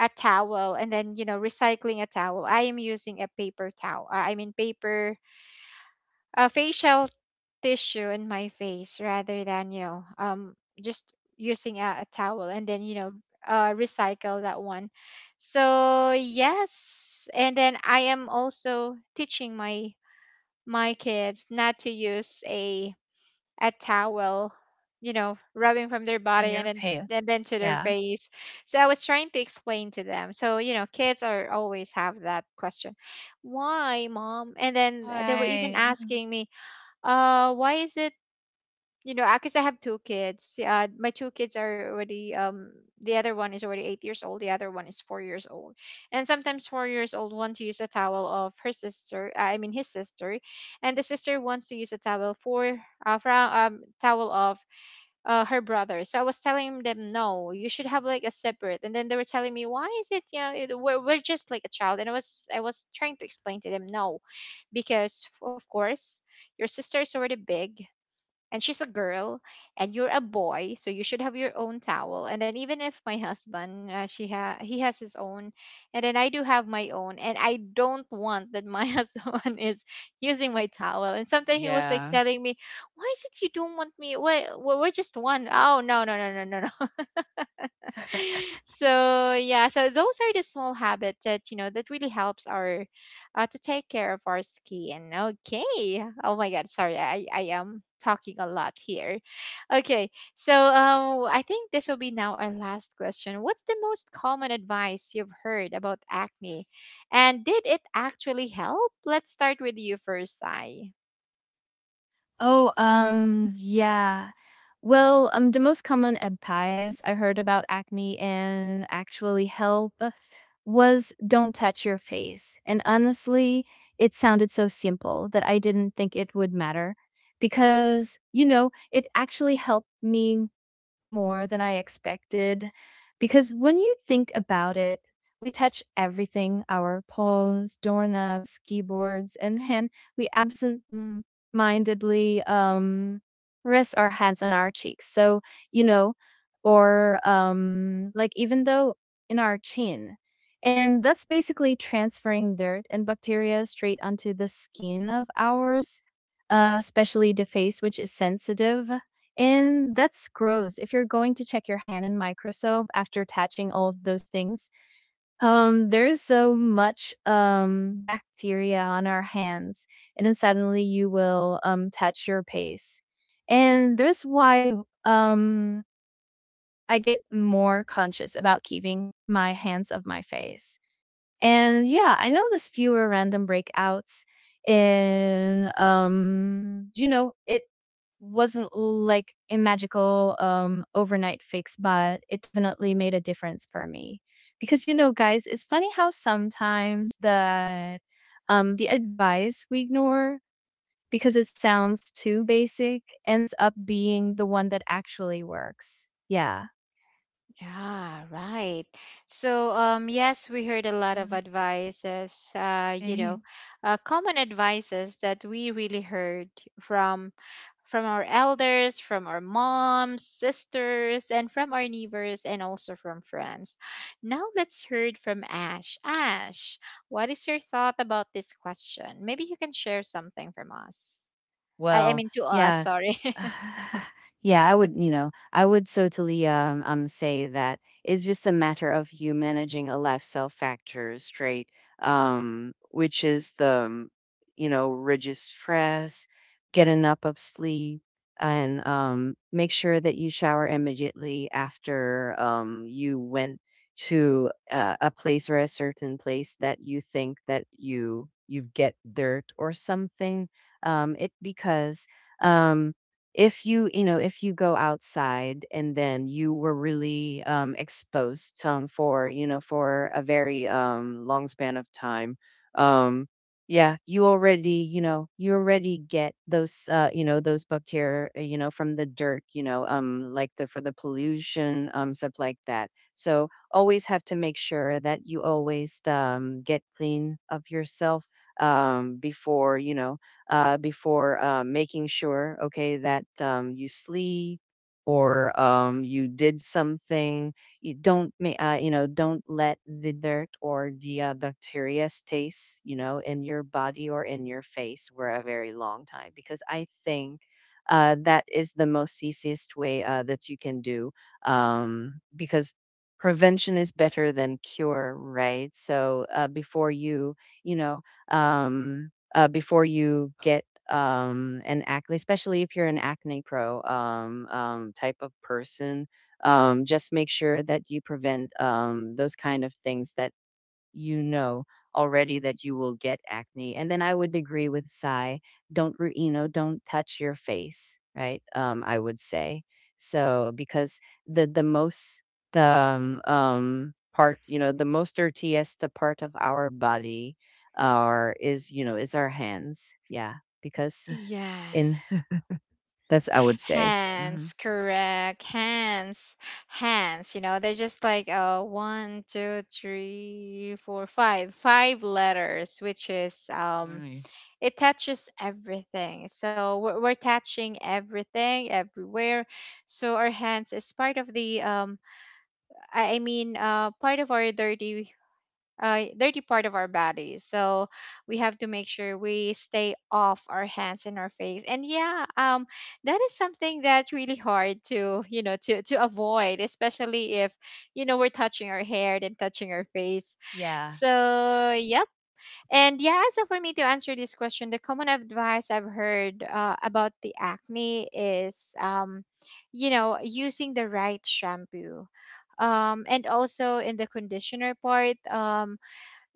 a towel, and then, you know, recycling a towel. I am using a paper towel, I mean paper a facial tissue in my face rather than, just using a towel and then, you know, recycle that one. So yes, and then I am also teaching my my kids not to use a towel, you know, rubbing from their And you're body and then pale. and then to Yeah. their face. So I was trying to explain to them, so, you know, kids are always have that question, why mom? And then they were even Why? asking me, why is it, you know, because I have two kids. My two kids are already the other one is already 8 years old. The other one is 4 years old, and sometimes 4 years old want to use a towel of her sister. I mean his sister, and the sister wants to use a towel for towel of her brother. So I was telling them, no, you should have like a separate. And then they were telling me, why is it, you know it, we're just like a child. And I was trying to explain to them, no, because of course your sister is already big, and she's a girl, and you're a boy, so you should have your own towel. And then even if my husband, he has his own, and then I do have my own, and I don't want that my husband is using my towel. And sometimes he was like Yeah. telling me, why is it you don't want me, why we're just one? Oh no, no, no, no, no, no. So yeah, so those are the small habits that, you know, that really helps our, to take care of our skin. Okay, oh my god, sorry, I am talking a lot here. Okay, so I think this will be now our last question. What's the most common advice you've heard about acne, and did it actually help? Let's start with you first, I— Oh, yeah. Well, the most common advice I heard about acne and actually help was, don't touch your face. And honestly, it sounded so simple that I didn't think it would matter because, you know, it actually helped me more than I expected. Because when you think about it, we touch everything: our phones, doorknobs, keyboards, and hand. We absent mindedly rest our hands on our cheeks, so you know, or like, even though in our chin, and that's basically transferring dirt and bacteria straight onto the skin of ours, especially the face which is sensitive. And that's gross if you're going to check your hand in microscope after touching all of those things. There's so much bacteria on our hands, and then suddenly you will touch your pace. And there's why um I get more conscious about keeping my hands off my face. And yeah, I know there's fewer random breakouts, and you know, it wasn't like a magical overnight fix, but it definitely made a difference for me. Because, you know, guys, it's funny how sometimes the advice we ignore because it sounds too basic ends up being the one that actually works. Yeah. Yeah, right. So, yes, we heard a lot of advices, Um, common advices that we really heard from from our elders, from our moms, sisters, and from our neighbors, and also from friends. Now let's hear from Ash. Ash, what is your thought about this question? Maybe you can share something from us. I Well, mean, to us, yeah. sorry. Yeah, I would so totally say that it's just a matter of you managing a lifestyle factor straight, which is the, reduce stress, get enough of sleep, and make sure that you shower immediately after you went to a place or a certain place that you think that you get dirt or something, it because, um, if if you go outside and then you were really exposed for for a very long span of time, um, yeah, you already get those, those bacteria, from the dirt, like the for the pollution, stuff like that. So always have to make sure that you always get clean of yourself, before before making sure, okay, that you sleep, or you did something. You don't, don't let the dirt or the bacteria stays, in your body or in your face for a very long time. Because I think that is the most easiest way that you can do. Because prevention is better than cure, right? So before you know, um, before you get an acne, especially if you're an acne pro type of person. Just make sure that you prevent those kind of things that you know already that you will get acne. And then I would agree with Sai, don't don't touch your face, right? I would say so, because the most the part, the most dirtiest the part of our body, our is is our hands, yeah, because in Yes. that's I would say. Hmm. Hands, correct. Hands, hands. You know, they're just like one, two, three, four, five, five letters, which is Right. it touches everything. So we're touching everything everywhere. So our hands is part of the, part of our dirty dirty part of our bodies. So we have to make sure we stay off our hands and our face. And yeah, that is something that's really hard to, you know, to avoid, especially if, you know, we're touching our hair then touching our face. Yeah. So yep. And yeah, so for me to answer this question, the common advice I've heard, about the acne is, you know, using the right shampoo. And also in the conditioner part,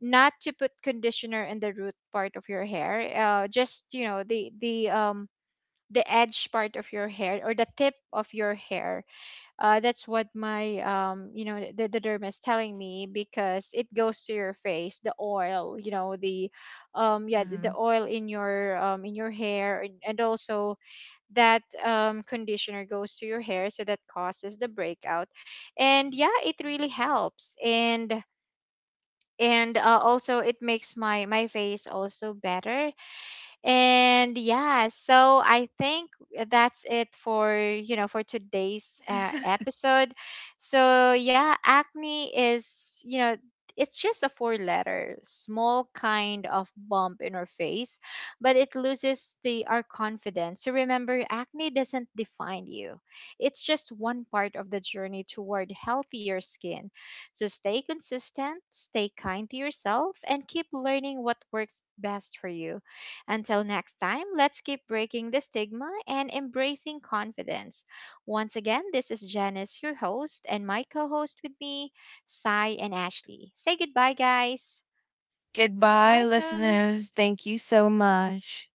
not to put conditioner in the root part of your hair, just, you know, the edge part of your hair or the tip of your hair, that's what my, the dermis telling me, because it goes to your face, the oil, you know, the, Hmm. oil in your, in your hair. And also that conditioner goes to your hair, so that causes the breakout. And yeah, it really helps. And also it makes my my face also better. And yeah, so I think that's it for, you know, for today's, episode. So yeah, acne is, you know, it's just a four letter small kind of bump in our face, but it loses the our confidence. So remember, acne doesn't define you. It's just one part of the journey toward healthier skin. So stay consistent, stay kind to yourself, and keep learning what works best for you. Until next time, let's keep breaking the stigma and embracing confidence. Once again, this is Janice, your host, and my co host with me, Sai and Ashley. Say goodbye, guys. Goodbye, Goodbye, Karen. listeners. Thank you so much.